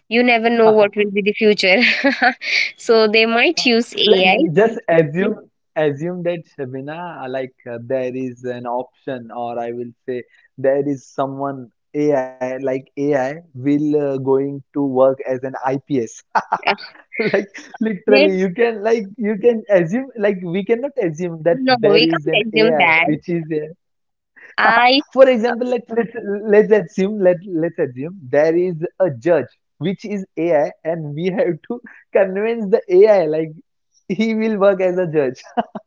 Speaker 1: you never know what will be the future. So they might use
Speaker 2: Like
Speaker 1: AI.
Speaker 2: just assume, that Shabina, like there is an option, or I will say there is someone AI, like AI will going to work as an IPS. Like
Speaker 1: they,
Speaker 2: literally, you can, like you can assume, like we cannot assume that
Speaker 1: no, we
Speaker 2: there is
Speaker 1: can't
Speaker 2: an
Speaker 1: assume
Speaker 2: AI
Speaker 1: that.
Speaker 2: which is a
Speaker 1: I
Speaker 2: For example, like let's assume let let's assume there is a judge which is AI, and we have to convince the AI like he will work as a judge.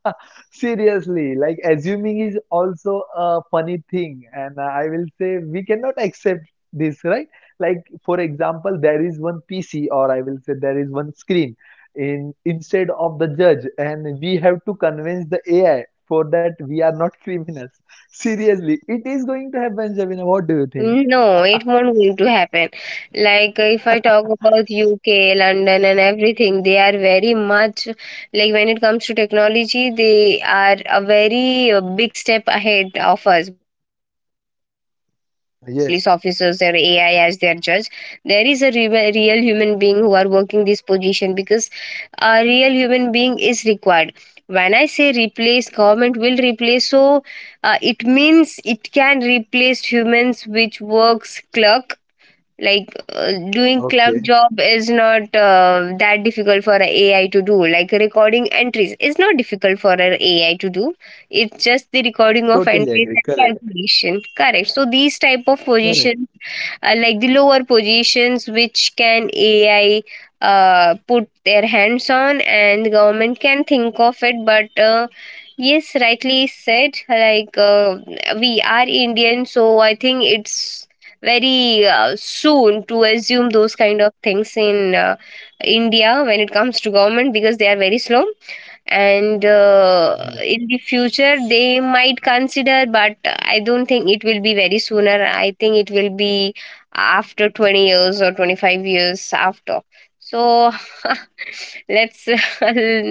Speaker 2: Seriously, like assuming is also a funny thing, and I will say we cannot accept this, right? Like for example, there is one PC, or I will say there is one screen in instead of the judge, and we have to convince the AI for that we are not criminals. Seriously, it is going to happen, Javina. What do you think?
Speaker 1: No, it won't going to happen. If I talk about UK, London and everything, they are very much like when it comes to technology, they are a very big step ahead of us. But still, they are not using AI as their
Speaker 2: Yes.
Speaker 1: police officers or AI as their judge. There is a re real human being who are working this position because a real human being is required. When I say replace, government will replace. So it means it can replace humans which works clerk. Doing clerk
Speaker 2: Okay.
Speaker 1: job is not that difficult for a AI to do. Like recording entries is not difficult for an AI to do. It's just the recording of
Speaker 2: Totally
Speaker 1: entries
Speaker 2: agree.
Speaker 1: and
Speaker 2: Correct.
Speaker 1: calculation, correct? So these type of
Speaker 2: Correct.
Speaker 1: position, like the lower positions which can AI put their hands on, and the government can think of it. But Yes, rightly said. We are Indian, so I think it's very soon to assume those kind of things in India when it comes to government, because they are very slow. And
Speaker 2: Yeah.
Speaker 1: In the future they might consider, but I don't think it will be very sooner. I think it will be after 20 years or 25 years after. So let's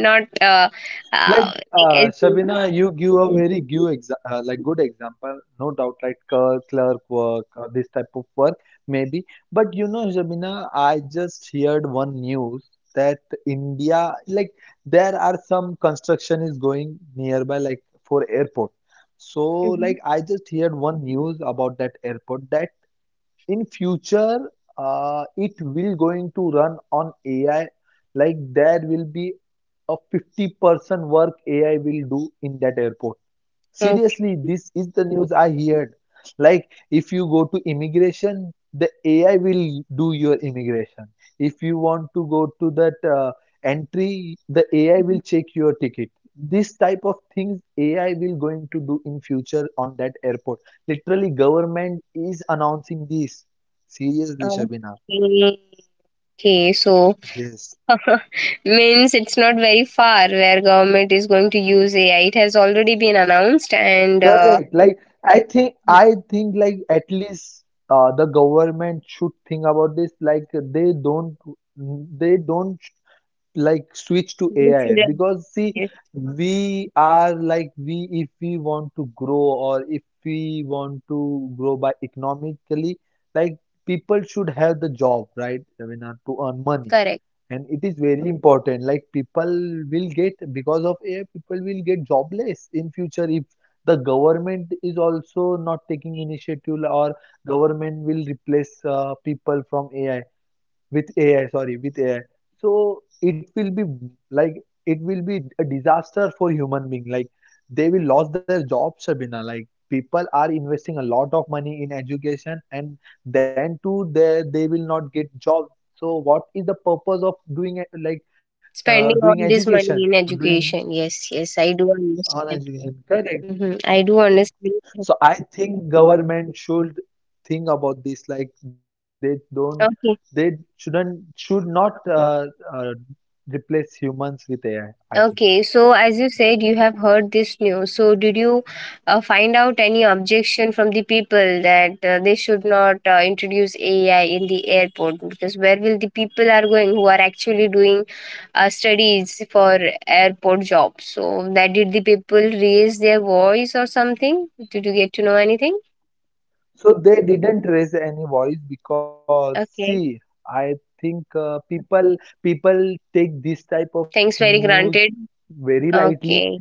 Speaker 1: not
Speaker 2: Like,
Speaker 1: like assume.
Speaker 2: Shabina, you give a very give exa like good example, no doubt. Like clerk, clerk work, or this type of work, maybe. But you know, Shabina, I just heard one news that India, like, there are some construction is going nearby, like for airport. So,
Speaker 1: Mhm.
Speaker 2: like, I just heard one news about that airport that in future it will going to run on AI. Like there will be a 50% work AI will do in that airport.
Speaker 1: okay
Speaker 2: Seriously, this is the news I heard. Like, if you go to immigration, the AI will do your immigration. If you want to go to that entry, the AI will
Speaker 1: okay.
Speaker 2: check your ticket. This type of things AI will going to do in future on that airport. Literally, government is announcing this. Seriously, Shabina.
Speaker 1: Okay, so
Speaker 2: Yes.
Speaker 1: means it's not very far where government is going to use AI. It has already been announced. And
Speaker 2: Correct. Like I think, like at least the government should think about this. Like they don't like switch to AI,
Speaker 1: uh,
Speaker 2: because see, we are like we, if we want to grow or if we want to grow by economically, like people should have the job, right? I mean to earn money,
Speaker 1: Correct.
Speaker 2: and it is very important. Like people will get, because of AI, people will get jobless in future if the government is also not taking initiative or government will replace people from AI with AI, sorry, with AI. So it will be like it will be a disaster for human being. Like they will lose their jobs, Shabina. Like people are investing a lot of money in education, and then too they will not get jobs. So what is the purpose of doing it, like
Speaker 1: Spending all
Speaker 2: doing
Speaker 1: this money
Speaker 2: education
Speaker 1: in
Speaker 2: or doing
Speaker 1: education. Yes, yes, I do understand.
Speaker 2: on education? Correct.
Speaker 1: Mm-hmm. I do understand.
Speaker 2: So I think government should think about this. Like they
Speaker 1: Okay,
Speaker 2: shouldn't, should not uh, replace humans with AI. I think.
Speaker 1: okay. So, as you said, you have heard this news. So, did you find out any objection from the people that they should not introduce AI in the airport? Because where will the people are going who are actually doing studies for airport jobs? So, that did the people raise their voice or something? Did you get to know anything?
Speaker 2: So they didn't raise any voice because see,
Speaker 1: Okay.
Speaker 2: I think people take this type of
Speaker 1: Thanks, very
Speaker 2: news
Speaker 1: granted.
Speaker 2: very lightly.
Speaker 1: Okay.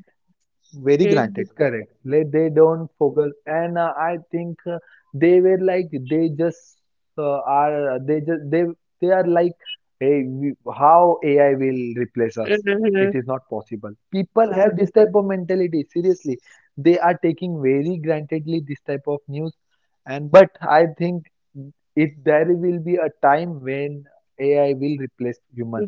Speaker 2: Very granted,
Speaker 1: Mhm.
Speaker 2: correct. Like they don't focus, and I think they were like they just are they just they are like, hey we, how AI will replace us.
Speaker 1: Mhm.
Speaker 2: It is not possible. People have this type of mentality. Seriously, they are taking very grantedly this type of news, and but I think it there will be a time when AI will replace human.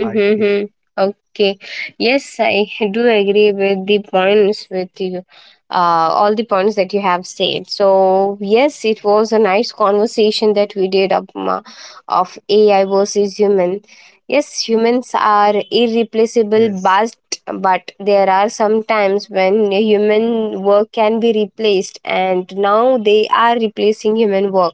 Speaker 2: I think
Speaker 1: Okay. Yes, I do agree with the points with you, all the points that you have said. So yes, it was a nice conversation that we did of, of AI versus human. Yes, humans are irreplaceable,
Speaker 2: yes,
Speaker 1: but there are some times when human work can be replaced, and now they are replacing human work.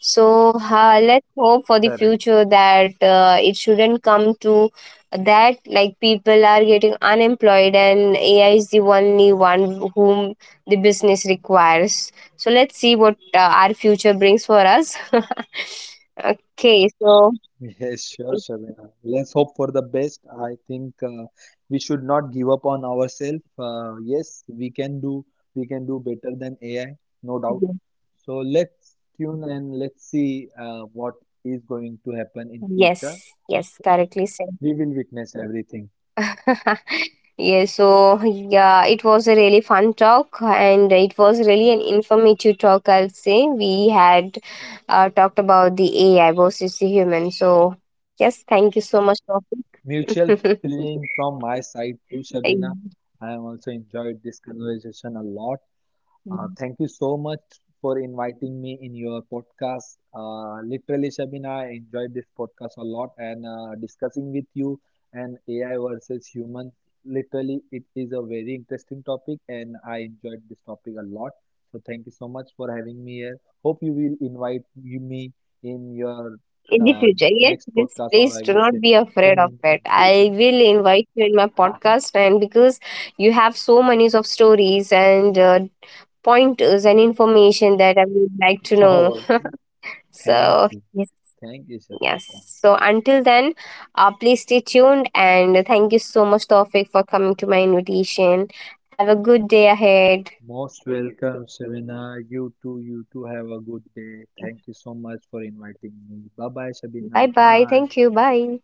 Speaker 1: So let's hope for the
Speaker 2: correct.
Speaker 1: future that it shouldn't come to that. Like people are getting unemployed, and AI is the only one whom the business requires. So let's see what our future brings for us. Okay, so
Speaker 2: Yes, sure, Shabina. Let's hope for the best. I think we should not give up on ourselves. Yes, we can do better than AI, no doubt. So let's tune and let's see what is going to happen in
Speaker 1: yes,
Speaker 2: future.
Speaker 1: yes, correctly said.
Speaker 2: We will witness everything.
Speaker 1: Yeah, it was a really fun talk and it was really an informative talk, I'll say. We had talked about the AI versus the human. So, yes, thank you so much,
Speaker 2: Mutual
Speaker 1: Sophie.
Speaker 2: feeling from my side too, Shabina. I have also enjoyed this conversation a lot. Thank you so much for inviting me in your podcast. Literally, Shabina, I enjoyed this podcast a lot and discussing with you and AI versus human. Literally, it is a very interesting topic and I enjoyed this topic a lot. So thank you so much for having me here. Hope you will me in your
Speaker 1: In the
Speaker 2: uh,
Speaker 1: future, yes,
Speaker 2: next
Speaker 1: please,
Speaker 2: podcast,
Speaker 1: please do
Speaker 2: or I will
Speaker 1: not be
Speaker 2: say
Speaker 1: afraid of it.
Speaker 2: in
Speaker 1: I
Speaker 2: future.
Speaker 1: will invite you in my podcast, and because you have so many of stories and pointers and information that I would like to know.
Speaker 2: Oh,
Speaker 1: So,
Speaker 2: thank you.
Speaker 1: yes.
Speaker 2: Thank you,
Speaker 1: Yes.
Speaker 2: Shabina. Thank
Speaker 1: So
Speaker 2: you.
Speaker 1: until then, please stay tuned, and thank you so much, Tawfiq, for coming to my invitation. Have a good day ahead.
Speaker 2: Most welcome, Shabina. You too have a good day. Thank you so much for inviting me. Bye bye,
Speaker 1: Bye
Speaker 2: Shabina.
Speaker 1: bye. Thank
Speaker 2: Bye.
Speaker 1: you. Bye.